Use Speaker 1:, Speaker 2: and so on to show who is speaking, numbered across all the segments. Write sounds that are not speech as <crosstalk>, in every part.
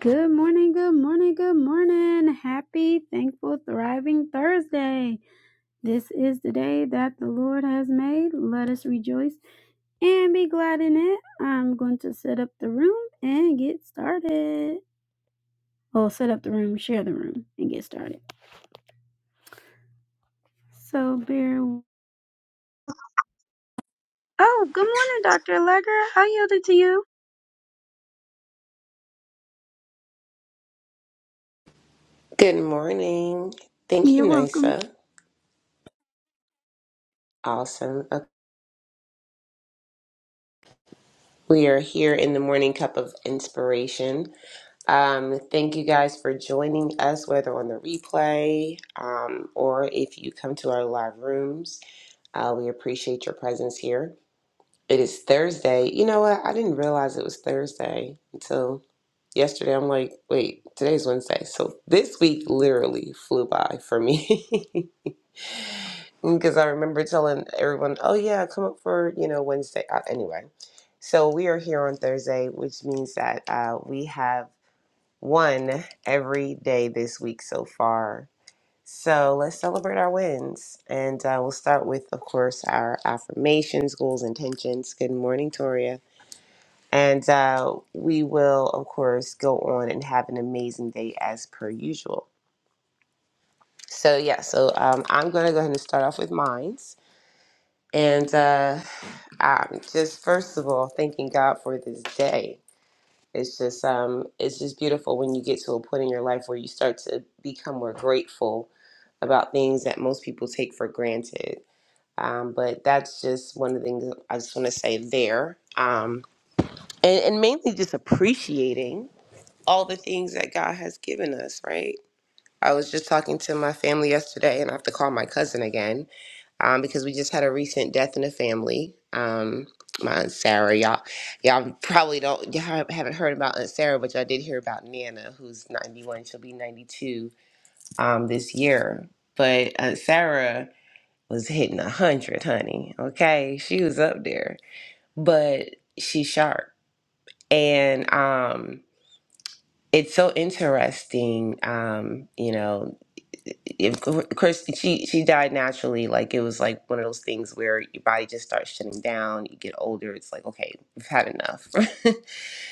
Speaker 1: Good morning, good morning, good morning. Happy, thankful, thriving Thursday. This is the day that the Lord has made. Let us rejoice and be glad in it. I'm going to set up the room and get started. Well, set up the room, share the room, and get started. So bear. w- Oh, good morning, Dr. Allegra. I yield it to you.
Speaker 2: Good morning. Thank you,
Speaker 1: You're welcome.
Speaker 2: Nisa. Awesome. Uh, We are here in the morning cup of inspiration. Um, thank you guys for joining us, whether on the replay um, or if you come to our live rooms. Uh, we appreciate your presence here. It is Thursday. You know what? I didn't realize it was Thursday until yesterday. I'm like, wait, today's Wednesday. So this week literally flew by for me. <laughs> because I remember telling everyone, "Oh yeah, come up for you know Wednesday." Uh, anyway, so we are here on Thursday, which means that uh, we have won every day this week so far. So let's celebrate our wins, and uh, we'll start with, of course, our affirmations, goals, intentions. Good morning, Toria, and uh, we will, of course, go on and have an amazing day as per usual. So yeah, so um, I'm gonna go ahead and start off with mine. And uh, I'm just first of all thanking God for this day. It's just um, it's just beautiful when you get to a point in your life where you start to become more grateful about things that most people take for granted. Um, but that's just one of the things I just want to say there, um, and, and mainly just appreciating all the things that God has given us. Right? I was just talking to my family yesterday, and I have to call my cousin again um, because we just had a recent death in the family. Um, my aunt Sarah, y'all, y'all probably don't y'all haven't heard about Aunt Sarah, but y'all did hear about Nana, who's 91. She'll be 92 um, this year. But Aunt Sarah was hitting 100, honey. Okay, she was up there, but she's sharp, and um, it's so interesting um you know if of course she she died naturally like it was like one of those things where your body just starts shutting down you get older it's like okay we've had enough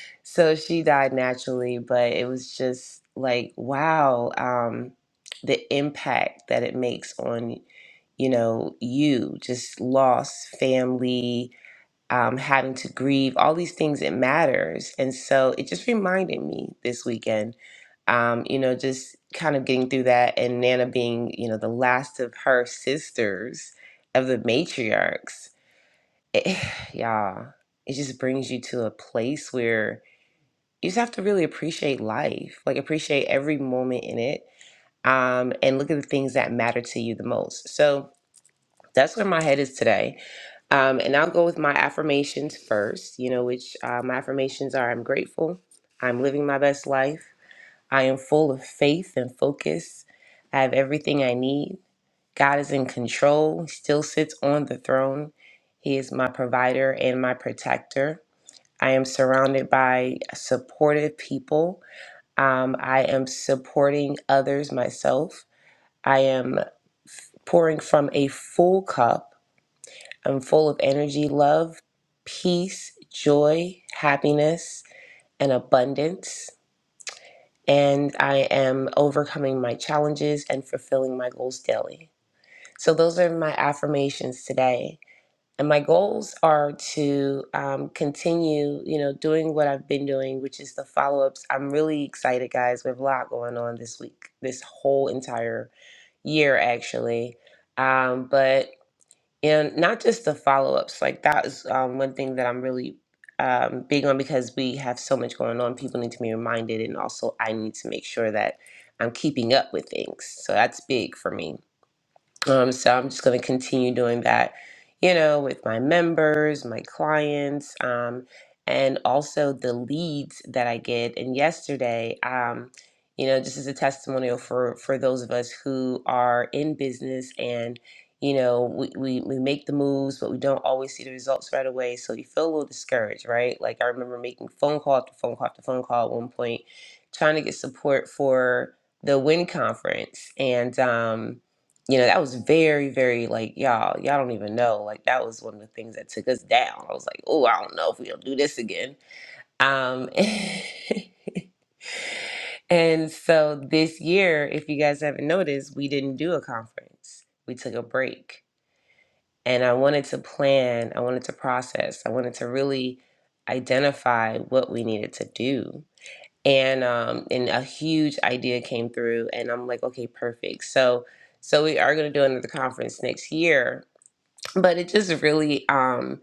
Speaker 2: <laughs> so she died naturally but it was just like wow um the impact that it makes on you know you just lost family um, having to grieve, all these things, it matters. And so it just reminded me this weekend, um, you know, just kind of getting through that and Nana being, you know, the last of her sisters of the matriarchs. It, <sighs> y'all, it just brings you to a place where you just have to really appreciate life, like appreciate every moment in it um, and look at the things that matter to you the most. So that's where my head is today um, and I'll go with my affirmations first, you know, which uh, my affirmations are I'm grateful, I'm living my best life, I am full of faith and focus, I have everything I need. God is in control, He still sits on the throne. He is my provider and my protector. I am surrounded by supportive people. Um, I am supporting others myself. I am pouring from a full cup I'm full of energy, love, peace, joy, happiness, and abundance. And I am overcoming my challenges and fulfilling my goals daily. So, those are my affirmations today. And my goals are to um, continue, you know, doing what I've been doing, which is the follow ups. I'm really excited, guys. We have a lot going on this week, this whole entire year, actually. Um, but and not just the follow-ups like that is um, one thing that i'm really um, big on because we have so much going on people need to be reminded and also i need to make sure that i'm keeping up with things so that's big for me um, so I'm just going to continue doing that, you know, with my members, my clients, um, and also the leads that I get. And yesterday, um, you know, just as a testimonial for for those of us who are in business and you know we, we we make the moves but we don't always see the results right away so you feel a little discouraged right like i remember making phone call after phone call after phone call at one point trying to get support for the win conference and um you know, that was very, very like, y'all, y'all don't even know. Like that was one of the things that took us down. I was like, oh, I don't know if we'll do this again. Um <laughs> and so this year, if you guys haven't noticed, we didn't do a conference. We took a break. And I wanted to plan, I wanted to process, I wanted to really identify what we needed to do and um and a huge idea came through and i'm like okay perfect so so we are going to do another conference next year but it just really um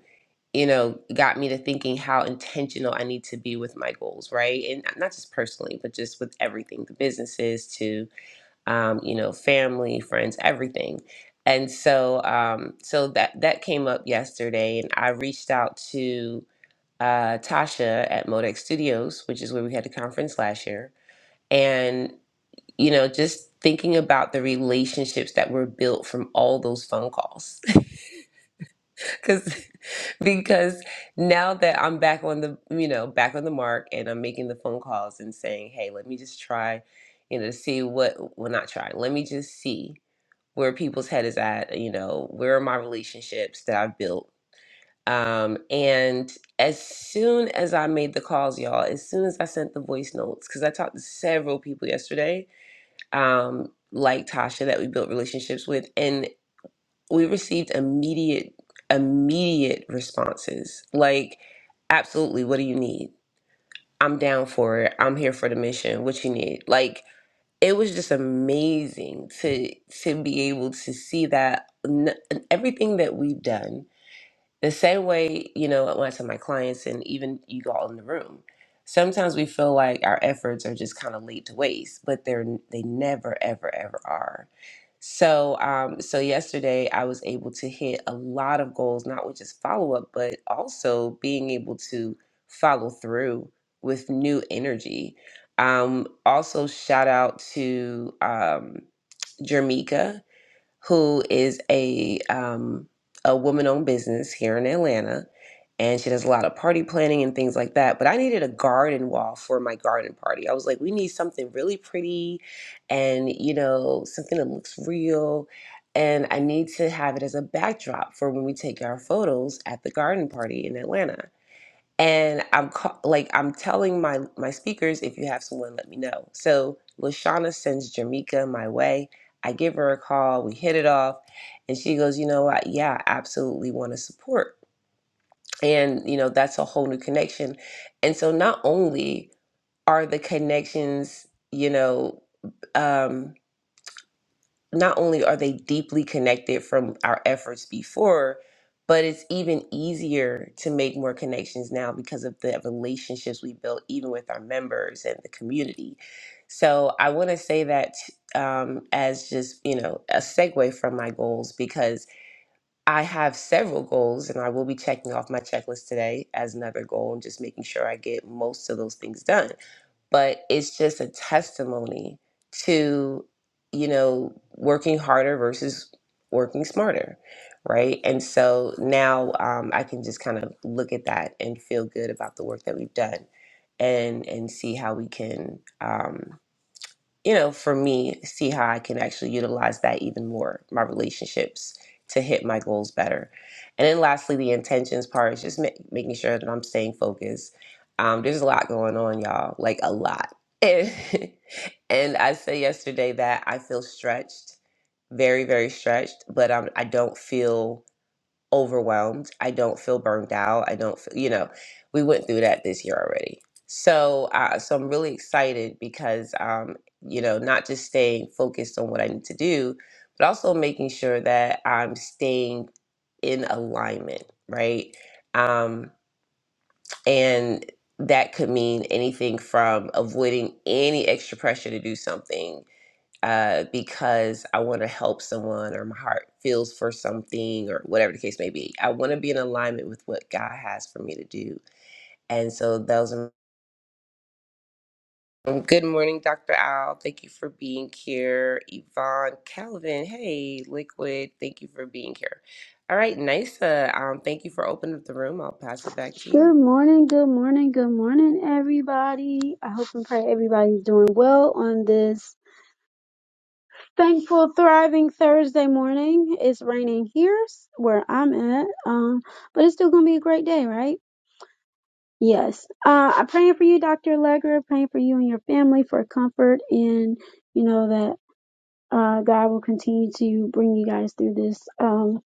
Speaker 2: you know got me to thinking how intentional i need to be with my goals right and not just personally but just with everything the businesses to um you know family friends everything and so um so that that came up yesterday and i reached out to uh, Tasha at Modex Studios, which is where we had the conference last year and you know just thinking about the relationships that were built from all those phone calls <laughs> because because now that i'm back on the you know back on the mark and i'm making the phone calls and saying hey let me just try you know see what well not try let me just see where people's head is at you know where are my relationships that i've built um, and as soon as I made the calls, y'all, as soon as I sent the voice notes, because I talked to several people yesterday, um, like Tasha that we built relationships with, and we received immediate, immediate responses. Like, absolutely, what do you need? I'm down for it. I'm here for the mission. What you need? Like, it was just amazing to to be able to see that n- everything that we've done the same way, you know, when I tell my clients and even you all in the room, sometimes we feel like our efforts are just kind of laid to waste, but they're they never, ever, ever are. So, um, so yesterday I was able to hit a lot of goals, not with just follow up, but also being able to follow through with new energy. Um, also, shout out to um, Jermika who is a um, a woman owned business here in Atlanta, and she does a lot of party planning and things like that. But I needed a garden wall for my garden party. I was like, we need something really pretty, and you know, something that looks real. And I need to have it as a backdrop for when we take our photos at the garden party in Atlanta and I'm ca- like I'm telling my my speakers if you have someone let me know. So Lashana sends Jamaica my way. I give her a call, we hit it off, and she goes, "You know what? Yeah, I absolutely want to support." And you know, that's a whole new connection. And so not only are the connections, you know, um, not only are they deeply connected from our efforts before, but it's even easier to make more connections now because of the relationships we built, even with our members and the community. So I want to say that um, as just you know a segue from my goals because I have several goals and I will be checking off my checklist today as another goal and just making sure I get most of those things done but it's just a testimony to you know working harder versus working smarter right and so now um, i can just kind of look at that and feel good about the work that we've done and and see how we can um, you know, for me, see how I can actually utilize that even more, my relationships to hit my goals better. And then lastly, the intentions part is just ma- making sure that I'm staying focused. Um, there's a lot going on, y'all, like a lot. <laughs> And, and I said yesterday that I feel stretched, very, very stretched, but um, I don't feel overwhelmed. I don't feel burned out. I don't feel, you know, we went through that this year already. So, uh, so I'm really excited because, um, you know, not just staying focused on what I need to do, but also making sure that I'm staying in alignment, right? Um, and that could mean anything from avoiding any extra pressure to do something uh, because I want to help someone or my heart feels for something or whatever the case may be. I want to be in alignment with what God has for me to do. And so those are um, good morning, Dr. Al. Thank you for being here. Yvonne, Calvin, hey, Liquid, thank you for being here. All right, Nisa, um, thank you for opening up the room. I'll pass it back to you.
Speaker 1: Good morning, good morning, good morning, everybody. I hope and pray everybody's doing well on this thankful, thriving Thursday morning. It's raining here s- where I'm at, um, but it's still gonna be a great day, right? Yes. Uh, I'm praying for you, Dr. Allegra. Praying for you and your family for comfort, and you know that uh, God will continue to bring you guys through this, um,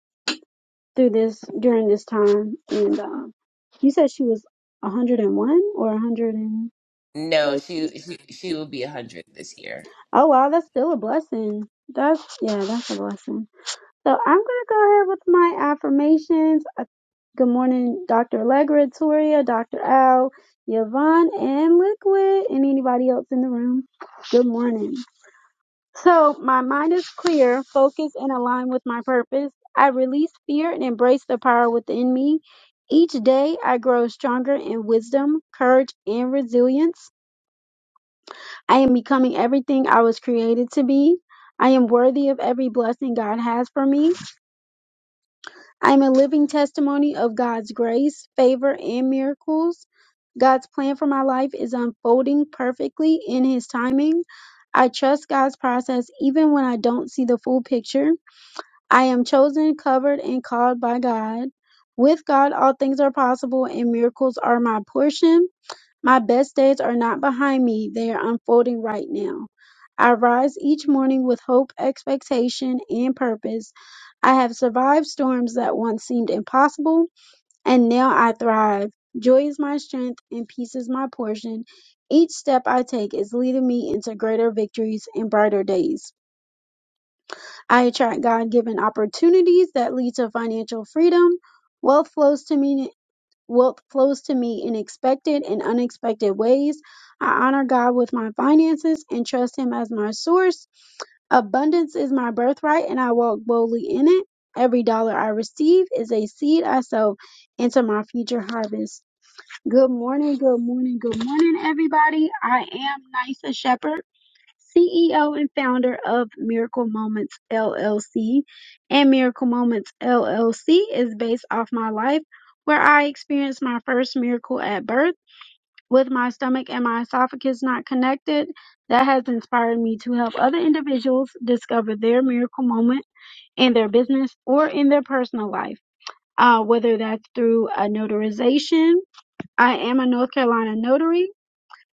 Speaker 1: through this during this time. And um, you said she was 101 or 100 and
Speaker 2: No, she she she will be one hundred this year.
Speaker 1: oh wow, that's still a blessing. That's yeah, that's a blessing. So I'm going to go ahead with my affirmations. Uh, Good morning, Dr. Allegra, Toria, Dr. Al, Yvonne, and Liquid, and anybody else in the room. Good morning. So my mind is clear, focused, and aligned with my purpose. I release fear and embrace the power within me. Each day, I grow stronger in wisdom, courage, and resilience. I am becoming everything I was created to be. I am worthy of every blessing God has for me. I am a living testimony of God's grace, favor, and miracles. God's plan for my life is unfolding perfectly in His timing. I trust God's process even when I don't see the full picture. I am chosen, covered, and called by God. With God, all things are possible, and miracles are my portion. My best days are not behind me, they are unfolding right now. I rise each morning with hope, expectation, and purpose. I have survived storms that once seemed impossible, and now I thrive. Joy is my strength, and peace is my portion. Each step I take is leading me into greater victories and brighter days. I attract God given opportunities that lead to financial freedom. Wealth flows to me wealth flows to me in expected and unexpected ways. I honor God with my finances and trust Him as my source. Abundance is my birthright, and I walk boldly in it. Every dollar I receive is a seed I sow into my future harvest. Good morning, good morning, good morning, everybody. I am Nisa Shepherd. CEO and founder of Miracle Moments LLC. And Miracle Moments LLC is based off my life, where I experienced my first miracle at birth with my stomach and my esophagus not connected. That has inspired me to help other individuals discover their miracle moment in their business or in their personal life, uh, whether that's through a notarization. I am a North Carolina notary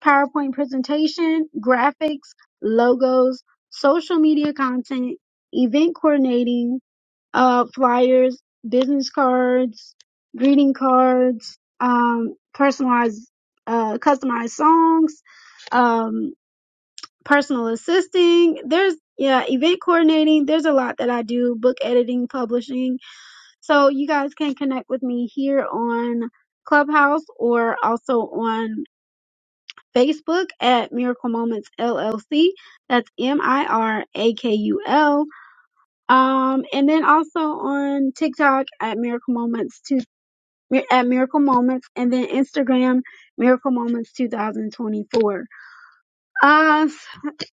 Speaker 1: PowerPoint presentation, graphics, logos, social media content, event coordinating, uh, flyers, business cards, greeting cards, um, personalized, uh, customized songs, um, personal assisting. There's, yeah, event coordinating. There's a lot that I do, book editing, publishing. So you guys can connect with me here on Clubhouse or also on Facebook at Miracle Moments LLC. That's M I R A K U L. Um, and then also on TikTok at Miracle Moments two at Miracle Moments, and then Instagram Miracle Moments 2024. Uh,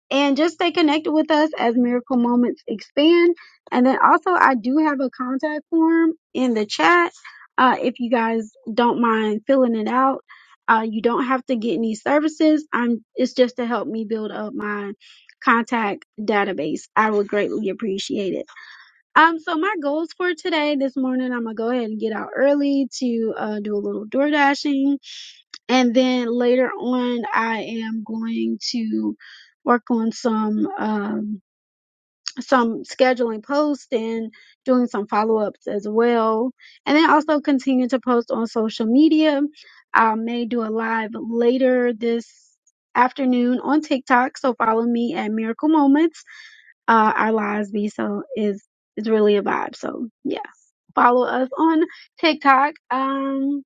Speaker 1: and just stay connected with us as miracle moments expand. And then also, I do have a contact form in the chat. Uh, if you guys don't mind filling it out, uh, you don't have to get any services. I'm. It's just to help me build up my contact database. I would greatly appreciate it. Um. So my goals for today, this morning, I'm gonna go ahead and get out early to uh, do a little door dashing and then later on i am going to work on some um some scheduling posts and doing some follow-ups as well and then also continue to post on social media i may do a live later this afternoon on tiktok so follow me at miracle moments uh our lives be so is is really a vibe so yeah follow us on tiktok um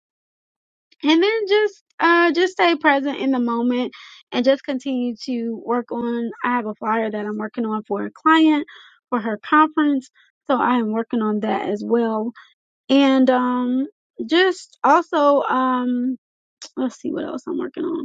Speaker 1: and then just uh just stay present in the moment and just continue to work on i have a flyer that i'm working on for a client for her conference so i am working on that as well and um just also um let's see what else i'm working on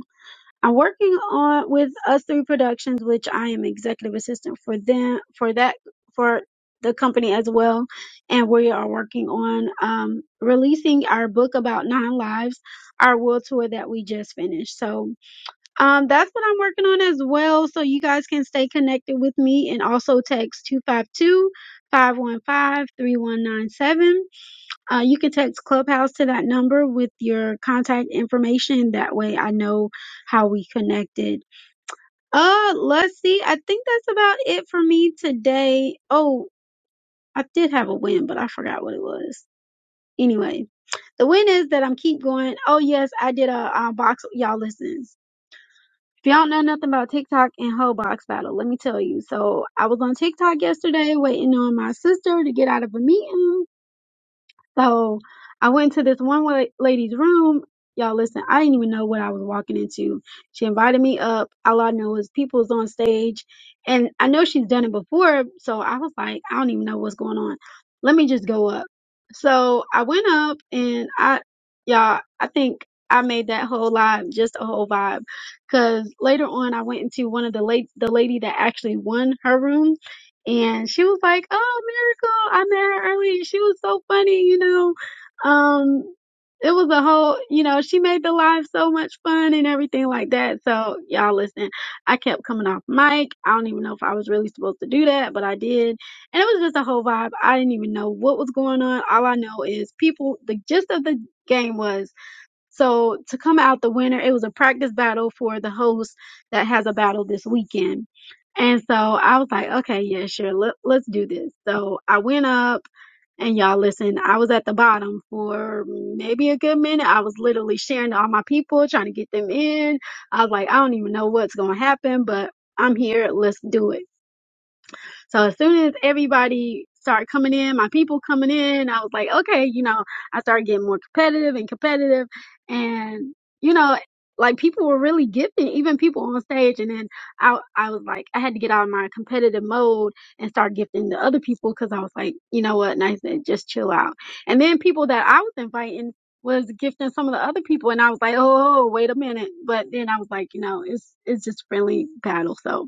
Speaker 1: I'm working on with Us Three Productions, which I am executive assistant for them for that for the company as well, and we are working on um, releasing our book about nine lives, our world tour that we just finished. So um, that's what I'm working on as well. So you guys can stay connected with me and also text 252 515 3197. Uh, you can text Clubhouse to that number with your contact information. That way I know how we connected. Uh, let's see. I think that's about it for me today. Oh, I did have a win, but I forgot what it was. Anyway, the win is that I'm keep going. Oh, yes, I did a, uh box. Y'all listen. If y'all know nothing about TikTok and whole box battle, let me tell you. So I was on TikTok yesterday waiting on my sister to get out of a meeting So I went to this one wa- lady's room. Y'all listen, I didn't even know what I was walking into. She invited me up. All I know is people is on stage. And I know she's done it before. So I was like, I don't even know what's going on. Let me just go up. So I went up and I, y'all, I think I made that whole live just a whole vibe. Cause later on I went into one of the late, the lady that actually won her room and she was like, "Oh, Miracle! I met her earlier. She was so funny, you know. Um, it was a whole, you know, she made the live so much fun and everything like that. So y'all listen, I kept coming off mic. I don't even know if I was really supposed to do that, but I did, and it was just a whole vibe. I didn't even know what was going on. All I know is people. The gist of the game was." So to come out the winner, it was a practice battle for the host that has a battle this weekend. And so I was like, okay, yeah, sure, let, let's do this. So I went up and y'all listen, I was at the bottom for maybe a good minute. I was literally sharing to all my people, trying to get them in. I was like, I don't even know what's going to happen, but I'm here. Let's do it. So as soon as everybody started coming in, my people coming in, I was like, okay, you know, I started getting more competitive and competitive. And, you know, like people were really gifted, even people on stage. And then I, I was like, I had to get out of my competitive mode and start gifting to other people because I was like, you know what? And I said, just chill out. And then people that I was inviting was gifting some of the other people. And I was like, oh, wait a minute. But then I was like, you know, it's, it's just friendly battle. So,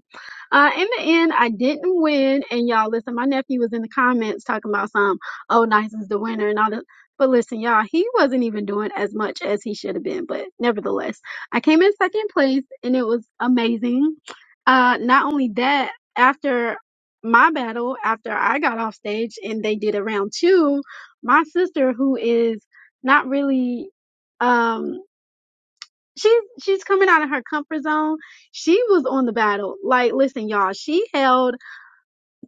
Speaker 1: uh, in the end, I didn't win. And y'all, listen, my nephew was in the comments talking about some, oh, Nison's the winner and all that. But listen, y'all, he wasn't even doing as much as he should have been. But nevertheless, I came in second place and it was amazing. Uh, not only that, after my battle, after I got off stage and they did a round two, my sister, who is not really. um she's she's coming out of her comfort zone. She was on the battle. Like, listen, y'all, she held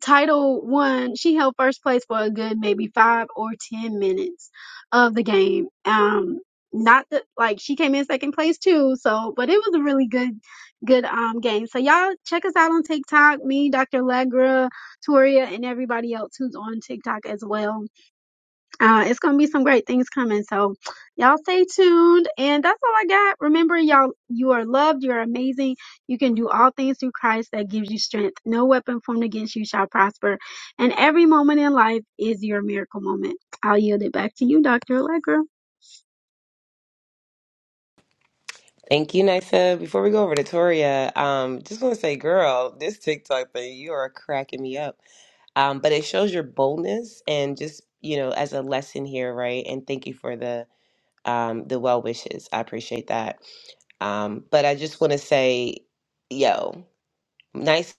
Speaker 1: title one, she held first place for a good maybe five or ten minutes of the game. Um not that like she came in second place too, so but it was a really good good um game. So y'all check us out on TikTok, me, Dr. Legra, Toria, and everybody else who's on TikTok as well uh, it's gonna be some great things coming. So y'all stay tuned. And that's all I got. Remember, y'all, you are loved, you're amazing. You can do all things through Christ that gives you strength. No weapon formed against you shall prosper. And every moment in life is your miracle moment. I'll yield it back to you, Dr. Allegra.
Speaker 2: Thank you, Nysa. Before we go over to Toria, um, just want to say, girl, this TikTok thing, you are cracking me up. Um, but it shows your boldness and just, you know, as a lesson here, right? And thank you for the um the well wishes. I appreciate that. Um, but I just want to say, yo, nice.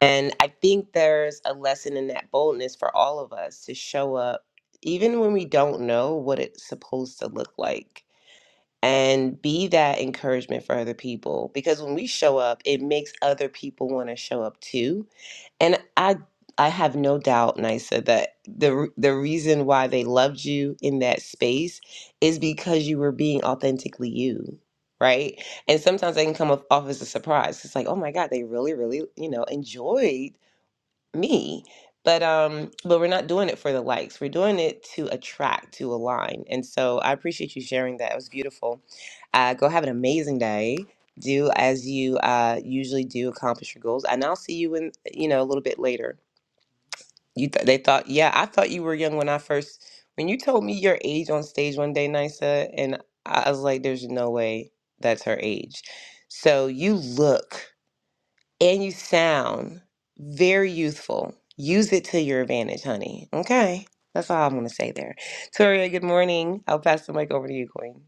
Speaker 2: And I think there's a lesson in that boldness for all of us to show up, even when we don't know what it's supposed to look like and be that encouragement for other people because when we show up it makes other people want to show up too and i i have no doubt nisa that the re- the reason why they loved you in that space is because you were being authentically you right and sometimes they can come off off as a surprise it's like oh my god they really really you know enjoyed me but um but we're not doing it for the likes we're doing it to attract to align and so i appreciate you sharing that it was beautiful uh go have an amazing day do as you uh usually do accomplish your goals and i'll see you in you know a little bit later you th- they thought yeah i thought you were young when i first when you told me your age on stage one day nisa and i I was like there's no way that's her age so you look and you sound very youthful. Use it to your advantage, honey. Okay. That's all I'm going to say there. Toria, good morning. I'll pass the mic over to you, Queen.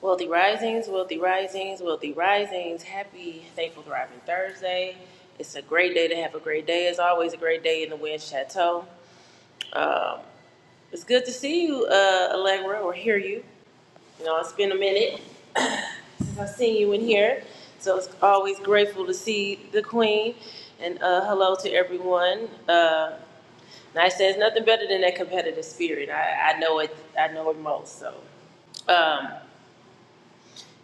Speaker 3: Wealthy Risings, Wealthy Risings, Wealthy Risings. Happy Thankful Thriving Thursday. It's a great day to have a great day. It's always a great day in the Wind Chateau. Um, it's good to see you, uh, Allegra, or hear you. You know, it's been a minute <coughs> <clears throat> since I've seen you in here. So it's always grateful to see the Queen. And uh, hello to everyone. Uh, and I say it's nothing better than that competitive spirit. I, I know it. I know it most. So. Um,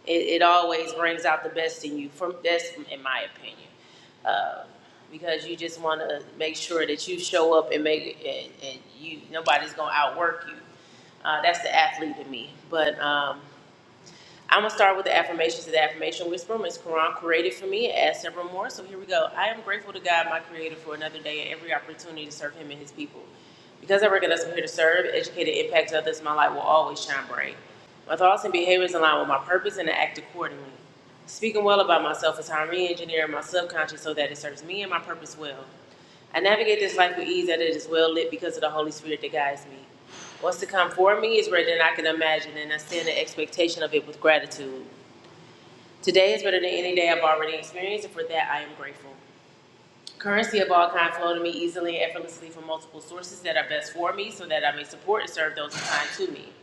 Speaker 3: it, it always brings out the best in you. From that's in my opinion, uh, because you just want to make sure that you show up and make and, and you nobody's gonna outwork you. Uh, that's the athlete in me. But um, I'm gonna start with the affirmations. The affirmation whisper, is Quran created for me and add several more. So here we go. I am grateful to God, my Creator, for another day and every opportunity to serve Him and His people. Because I recognize I'm here to serve, educate, and impact others, my light will always shine bright. My thoughts and behaviors align with my purpose, and I act accordingly. Speaking well about myself is how I'm re-engineering my subconscious so that it serves me and my purpose well. I navigate this life with ease that it is well lit because of the Holy Spirit that guides me. What's to come for me is greater than I can imagine, and I stand in expectation of it with gratitude. Today is better than any day I've already experienced, and for that I am grateful. Currency of all kinds flow to me easily and effortlessly from multiple sources that are best for me, so that I may support and serve those who to me.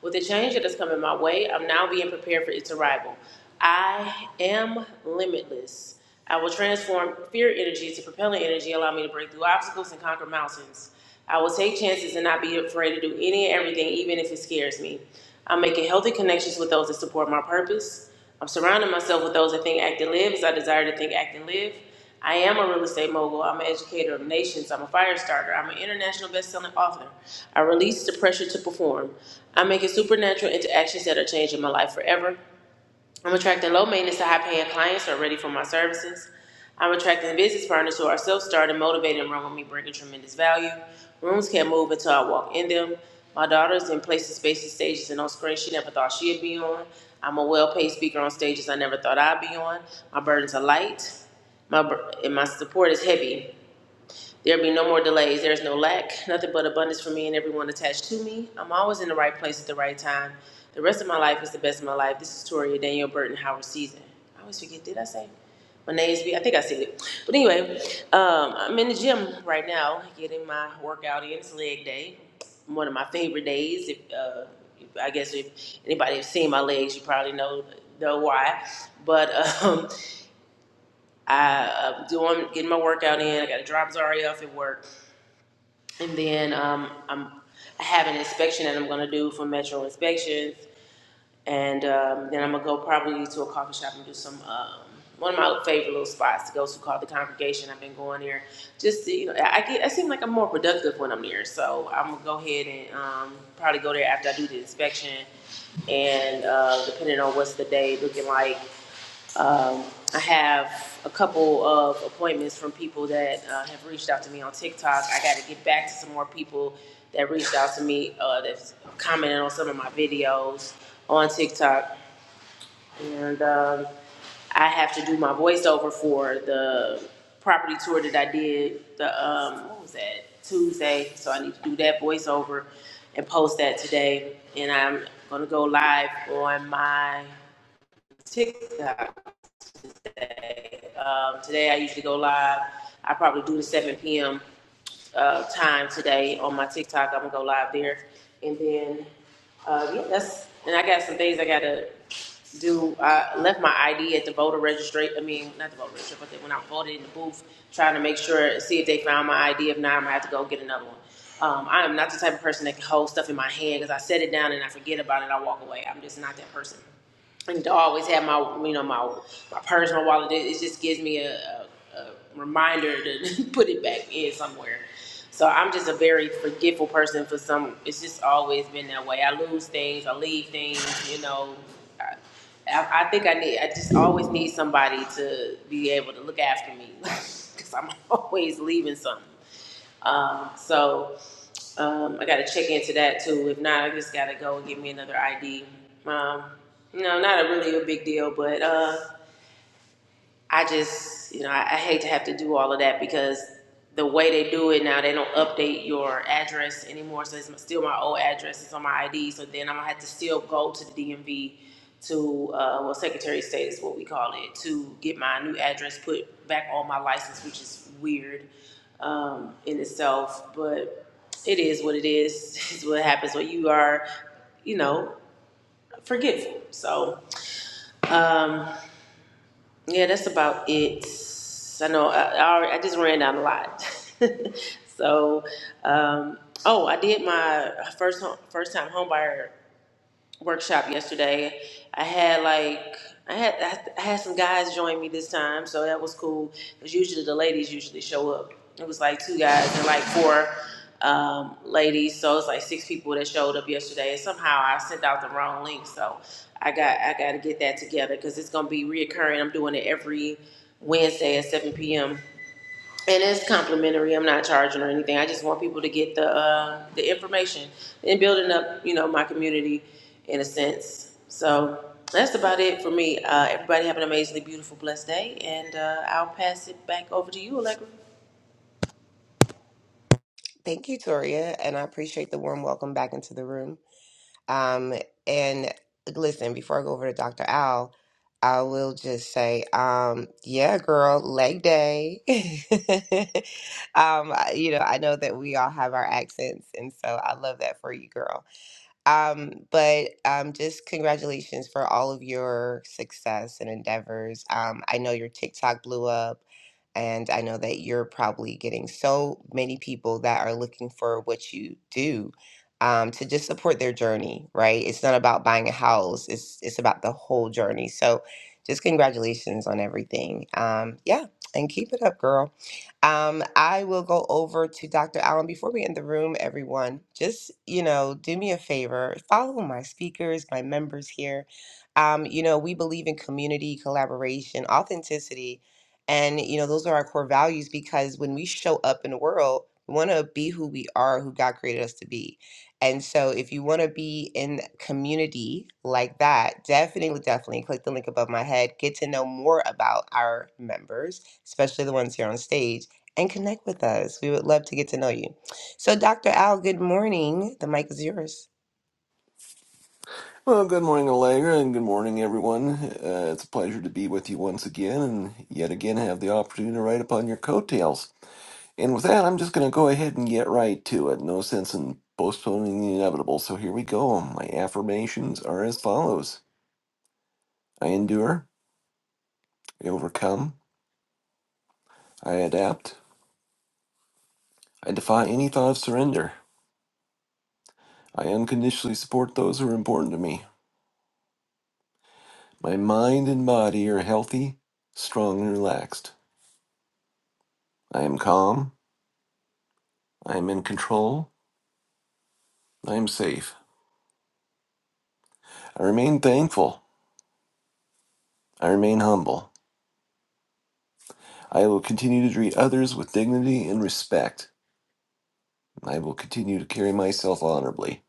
Speaker 3: With the change that is coming my way, I'm now being prepared for its arrival. I am limitless. I will transform fear energy to propelling energy, allow me to break through obstacles and conquer mountains. I will take chances and not be afraid to do any and everything, even if it scares me. I'm making healthy connections with those that support my purpose. I'm surrounding myself with those that think, act, and live as I desire to think, act, and live. I am a real estate mogul. I'm an educator of nations. I'm a fire starter. I'm an international best-selling author. I release the pressure to perform. I'm making supernatural interactions that are changing my life forever. I'm attracting low maintenance to high paying clients who are ready for my services. I'm attracting business partners who are self started, motivated, and run with me, bringing tremendous value. Rooms can't move until I walk in them. My daughter's in places, spaces, stages, and on screens she never thought she'd be on. I'm a well paid speaker on stages I never thought I'd be on. My burdens are light, my bur- and my support is heavy. There be no more delays. There is no lack, nothing but abundance for me and everyone attached to me. I'm always in the right place at the right time. The rest of my life is the best of my life. This is Toria Daniel Burton Howard season. I always forget. Did I say my name's B? I think I said it. But anyway, um, I'm in the gym right now, getting my workout in. It's leg day, one of my favorite days. If, uh, if I guess if anybody has seen my legs, you probably know know why. But um, <laughs> I, uh, doing getting my workout in. I got a drop Zari off at work and then um, I'm, I have an inspection that I'm gonna do for Metro Inspections, and um, then I'm gonna go probably to a coffee shop and do some um, one of my favorite little spots to go to called the Congregation. I've been going there just to, you know I get I seem like I'm more productive when I'm there, so I'm gonna go ahead and um, probably go there after I do the inspection, and uh, depending on what's the day looking like, um, I have a couple of appointments from people that uh, have reached out to me on TikTok. I got to get back to some more people that reached out to me uh, that's commented on some of my videos on TikTok, and um, I have to do my voiceover for the property tour that I did. The um, what was that Tuesday? So I need to do that voiceover and post that today, and I'm gonna go live on my TikTok um, today I usually go live. I probably do the 7 p.m. Uh, time today on my TikTok. I'm gonna go live there, and then uh, yeah, that's and I got some things I gotta do. I left my ID at the voter registration. I mean, not the voter registration, but when I voted in the booth, trying to make sure see if they found my ID. If not, I'm gonna have to go get another one. Um, I am not the type of person that can hold stuff in my hand because I set it down and I forget about it. I walk away. I'm just not that person and to always have my you know my my purse, my wallet. It, it just gives me a, a, a reminder to <laughs> put it back in somewhere. So I'm just a very forgetful person. For some, it's just always been that way. I lose things, I leave things. You know, I, I, I think I need. I just always need somebody to be able to look after me <laughs> because I'm always leaving something. Um, so um, I got to check into that too. If not, I just got to go and get me another ID. Um, no, not a really a big deal, but. Uh, I just, you know, I, I hate to have to do all of that because the way they do it now, they don't update your address anymore. So it's my- still my old address. It's on my ID. So then I'm gonna have to still go to the DMV to, uh, well, Secretary of State is what we call it, to get my new address put back on my license, which is weird um, in itself. But it is what it is. <laughs> It's what happens when you are, you know, forgetful. So. Um, yeah, that's about it. I know I, I, already- I just ran down a lot. <laughs> so, um, oh, I did my first home, first time homebuyer workshop yesterday. I had like I had I had some guys join me this time, so that was cool. Cause usually the ladies usually show up. It was like two guys and like four um, ladies, so it's like six people that showed up yesterday. And somehow I sent out the wrong link, so I got I got to get that together because it's gonna be reoccurring. I'm doing it every Wednesday at 7 p.m. And it's complimentary. I'm not charging or anything. I just want people to get the uh, the information and building up, you know, my community in a sense. So that's about it for me. Uh, everybody have an amazingly beautiful, blessed day, and uh, I'll pass it back over to you, Allegra.
Speaker 2: Thank you, Toria. And I appreciate the warm welcome back into the room. Um, and like, listen, before I go over to Dr. Al, I will just say, um, yeah, girl, leg day. <laughs> um, I- you know, I know that we all have our accents. And so I love that for you, girl. Um, but um, just congratulations for all of your success and endeavors. Um, I know your TikTok blew up, and I know that you're probably getting so many people that are looking for what you do um, to just support their journey. Right? It's not about buying a house; it's it's about the whole journey. So, just congratulations on everything. Um, yeah, and keep it up, girl. Um, I will go over to Dr. Allen before we end the room, everyone. Just, you know, do me a favor, follow my speakers, my members here. Um, you know, we believe in community, collaboration, authenticity, and, you know, those are our core values because when we show up in the world, we want to be who we are, who God created us to be. And so if you want to be in community like that, definitely, definitely click the link above my head. Get to know more about our members, especially the ones here on stage and connect with us. We would love to get to know you. So, Dr. Al, good morning. The mic is yours.
Speaker 4: Well, good morning, Allegra, and good morning, everyone. Uh, it's a pleasure to be with you once again, and yet again have the opportunity to ride upon your coattails. And with that, I'm just going to go ahead and get right to it. No sense in postponing the inevitable. So here we go. My affirmations are as follows I endure, I overcome, I adapt, I defy any thought of surrender, I unconditionally support those who are important to me. My mind and body are healthy, strong, and relaxed. I am calm, I am in control. I am safe. I remain thankful. I remain humble. I will continue to treat others with dignity and respect. I will continue to carry myself honorably.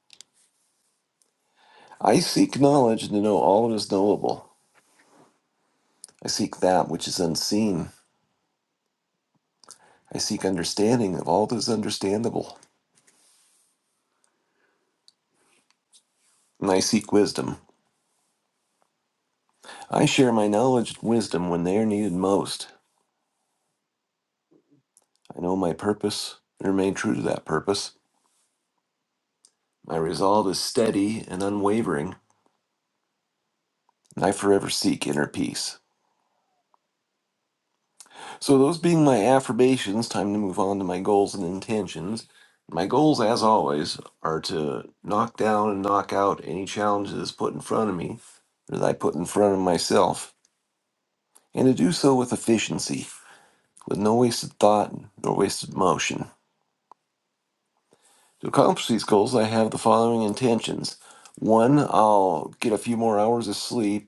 Speaker 4: I seek knowledge to know all that is knowable. I seek that which is unseen. I seek understanding of all that is understandable. And I seek wisdom. I share my knowledge and wisdom when they are needed most. I know my purpose and remain true to that purpose. My resolve is steady and unwavering, and I forever seek inner peace. So, those being my affirmations, time to move on to my goals and intentions. My goals, as always, are to knock down and knock out any challenges put in front of me or that I put in front of myself, and to do so with efficiency, with no wasted thought nor wasted motion. To accomplish these goals, I have the following intentions. One, I'll get a few more hours of sleep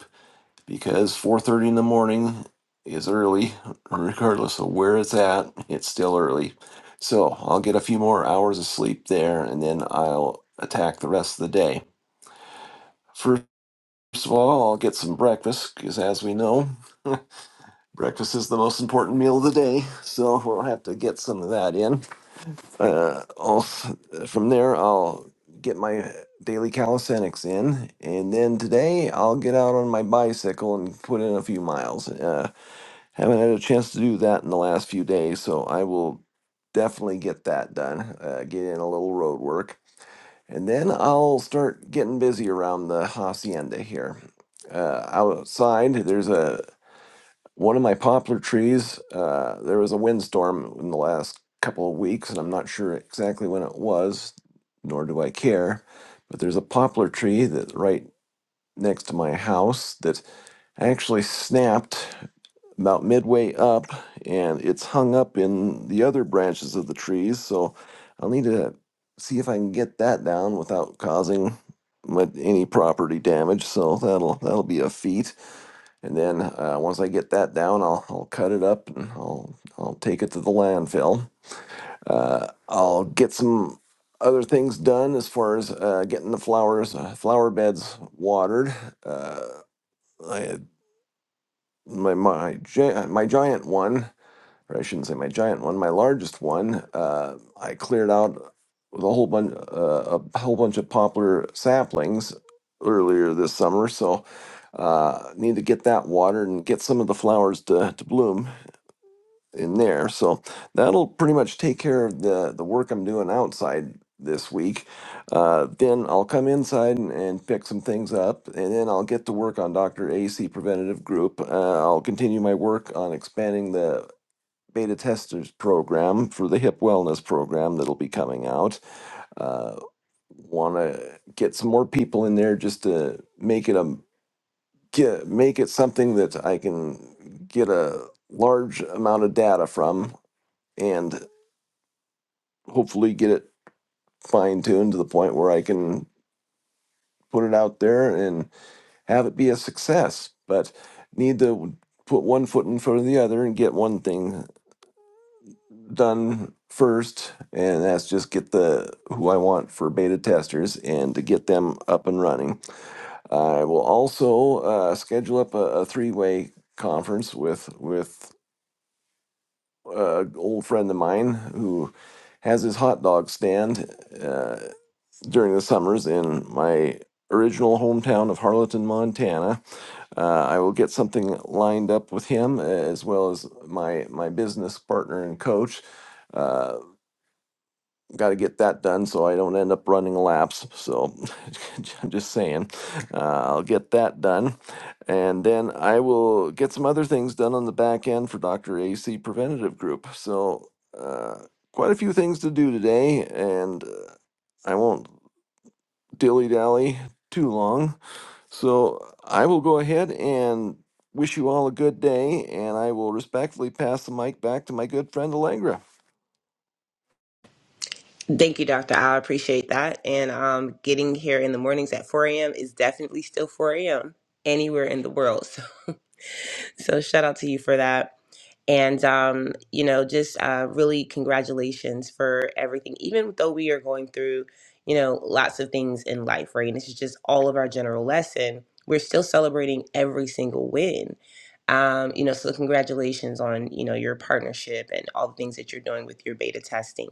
Speaker 4: because 4:30 in the morning is early regardless of where it's at it's still early so i'll get a few more hours of sleep there and then i'll attack the rest of the day first of all i'll get some breakfast because as we know <laughs> breakfast is the most important meal of the day so we'll have to get some of that in uh, I'll, from there i'll get my daily calisthenics in and then today i'll get out on my bicycle and put in a few miles Uh, Haven't had a chance to do that in the last few days, so I will definitely get that done. Uh, get in a little road work, and then I'll start getting busy around the hacienda here. Uh, outside, there's a one of my poplar trees. Uh, there was a windstorm in the last couple of weeks, and I'm not sure exactly when it was, nor do I care. But there's a poplar tree that right next to my house that. I actually snapped about midway up and it's hung up in the other branches of the trees. So I'll need to see if I can get that down without causing mu- any property damage. So that'll that'll be a feat. And then uh, once I get that down, I'll I'll cut it up and I'll I'll take it to the landfill. Uh, I'll get some other things done as far as uh, getting the flowers uh, flower beds watered. Uh, I my my gi- my giant one, or I shouldn't say my giant one, my largest one. Uh, I cleared out with a whole bunch uh, a whole bunch of poplar saplings earlier this summer, so uh, need to get that watered and get some of the flowers to to bloom in there. So that'll pretty much take care of the the work I'm doing outside this week. Uh, then I'll come inside and, and pick some things up, and then I'll get to work on Dr. AC Preventative Group. Uh, I'll continue my work on expanding the beta testers program for the hip wellness program that'll be coming out. Uh, Want to get some more people in there just to make it a get make it something that I can get a large amount of data from. And hopefully get it fine tuned to the point where I can put it out there and have it be a success. But need to put one foot in front of the other and get one thing done first, and that's just get the who I want for beta testers and to get them up and running. I will also uh, schedule up a, a three way conference with with an old friend of mine who has his hot dog stand. Uh, during the summers in my original hometown of Harleton, Montana. Uh, I will get something lined up with him uh, as well as my my business partner and coach. Uh, Got to get that done so I don't end up running laps. So <laughs> I'm just saying, uh, I'll get that done. And then I will get some other things done on the back end for Dr. AC Preventative Group. So, uh, quite a few things to do today. And uh, I won't dilly dally too long. So I will go ahead and wish you all a good day, and I will respectfully pass the mic back to my good friend Allegra.
Speaker 2: Thank you, Dr. Al. I appreciate that. And um, getting here in the mornings at 4 a.m. is definitely still 4 a.m. anywhere in the world. <laughs> <laughs> so shout out to you for that and um, you know just uh, really congratulations for everything even though we are going through you know lots of things in life right and this is just all of our general lesson we're still celebrating every single win um, you know so congratulations on you know your partnership and all the things that you're doing with your beta testing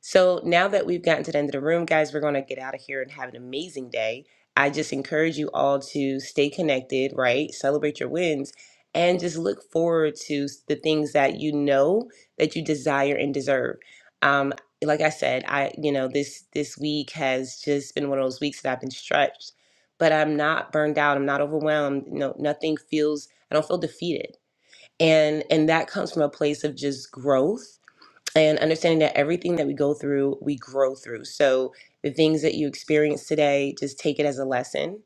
Speaker 2: so now that we've gotten to the end of the room, guys, we're going to get out of here and have an amazing day. I just encourage you all to stay connected, right? Celebrate your wins and just look forward to s- the things that you know that you desire and deserve. Um, like I said, I you know this this week has just been one of those weeks that I've been stretched, but I'm not burned out. I'm not overwhelmed. No, nothing feels. I don't feel defeated, and and that comes from a place of just growth and understanding that everything that we go through, we grow through. So the things that you experience today, just take it as a lesson.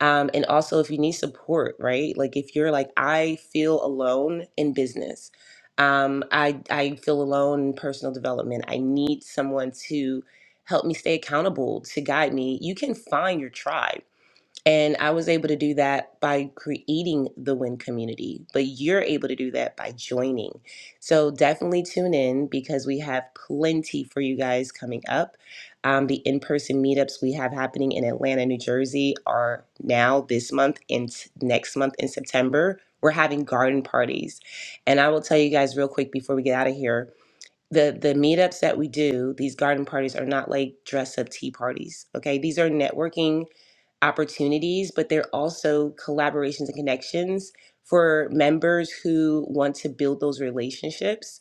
Speaker 2: Um, and also, if you need support, right? Like if you're like, I feel alone in business. Um, I I feel alone in personal development. I need someone to help me stay accountable, to guide me. You can find your tribe. And I was able to do that by creating the win community, but you're able to do that by joining. So definitely tune in because we have plenty for you guys coming up. Um, the in person meetups we have happening in Atlanta, New Jersey are now this month and s- next month in September. We're having garden parties. And I will tell you guys real quick before we get out of here the the meetups that we do these garden parties are not like dress up tea parties okay these are networking opportunities, but they're also collaborations and connections for members who want to build those relationships.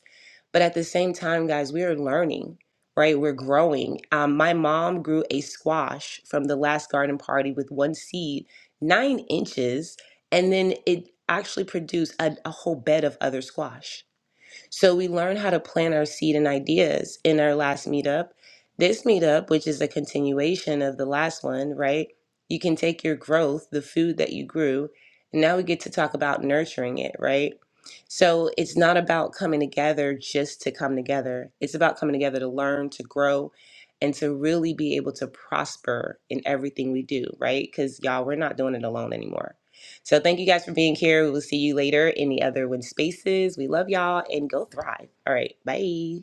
Speaker 2: But at the same time, guys, we are learning, right? We're growing. Um, my mom grew a squash from the last garden party with one seed, nine inches, and then it actually produced a, a whole bed of other squash so we learn how to plant our seed and ideas in our last meetup. This meetup, which is a continuation of the last one, right? You can take your growth, the food that you grew, and now we get to talk about nurturing it, right? So it's not about coming together just to come together. It's about coming together to learn, to grow, and to really be able to prosper in everything we do, right? Because y'all, we're not doing it alone anymore so thank you guys for being here. We will see you later in the other win spaces. We love y'all and go thrive. All right. Bye.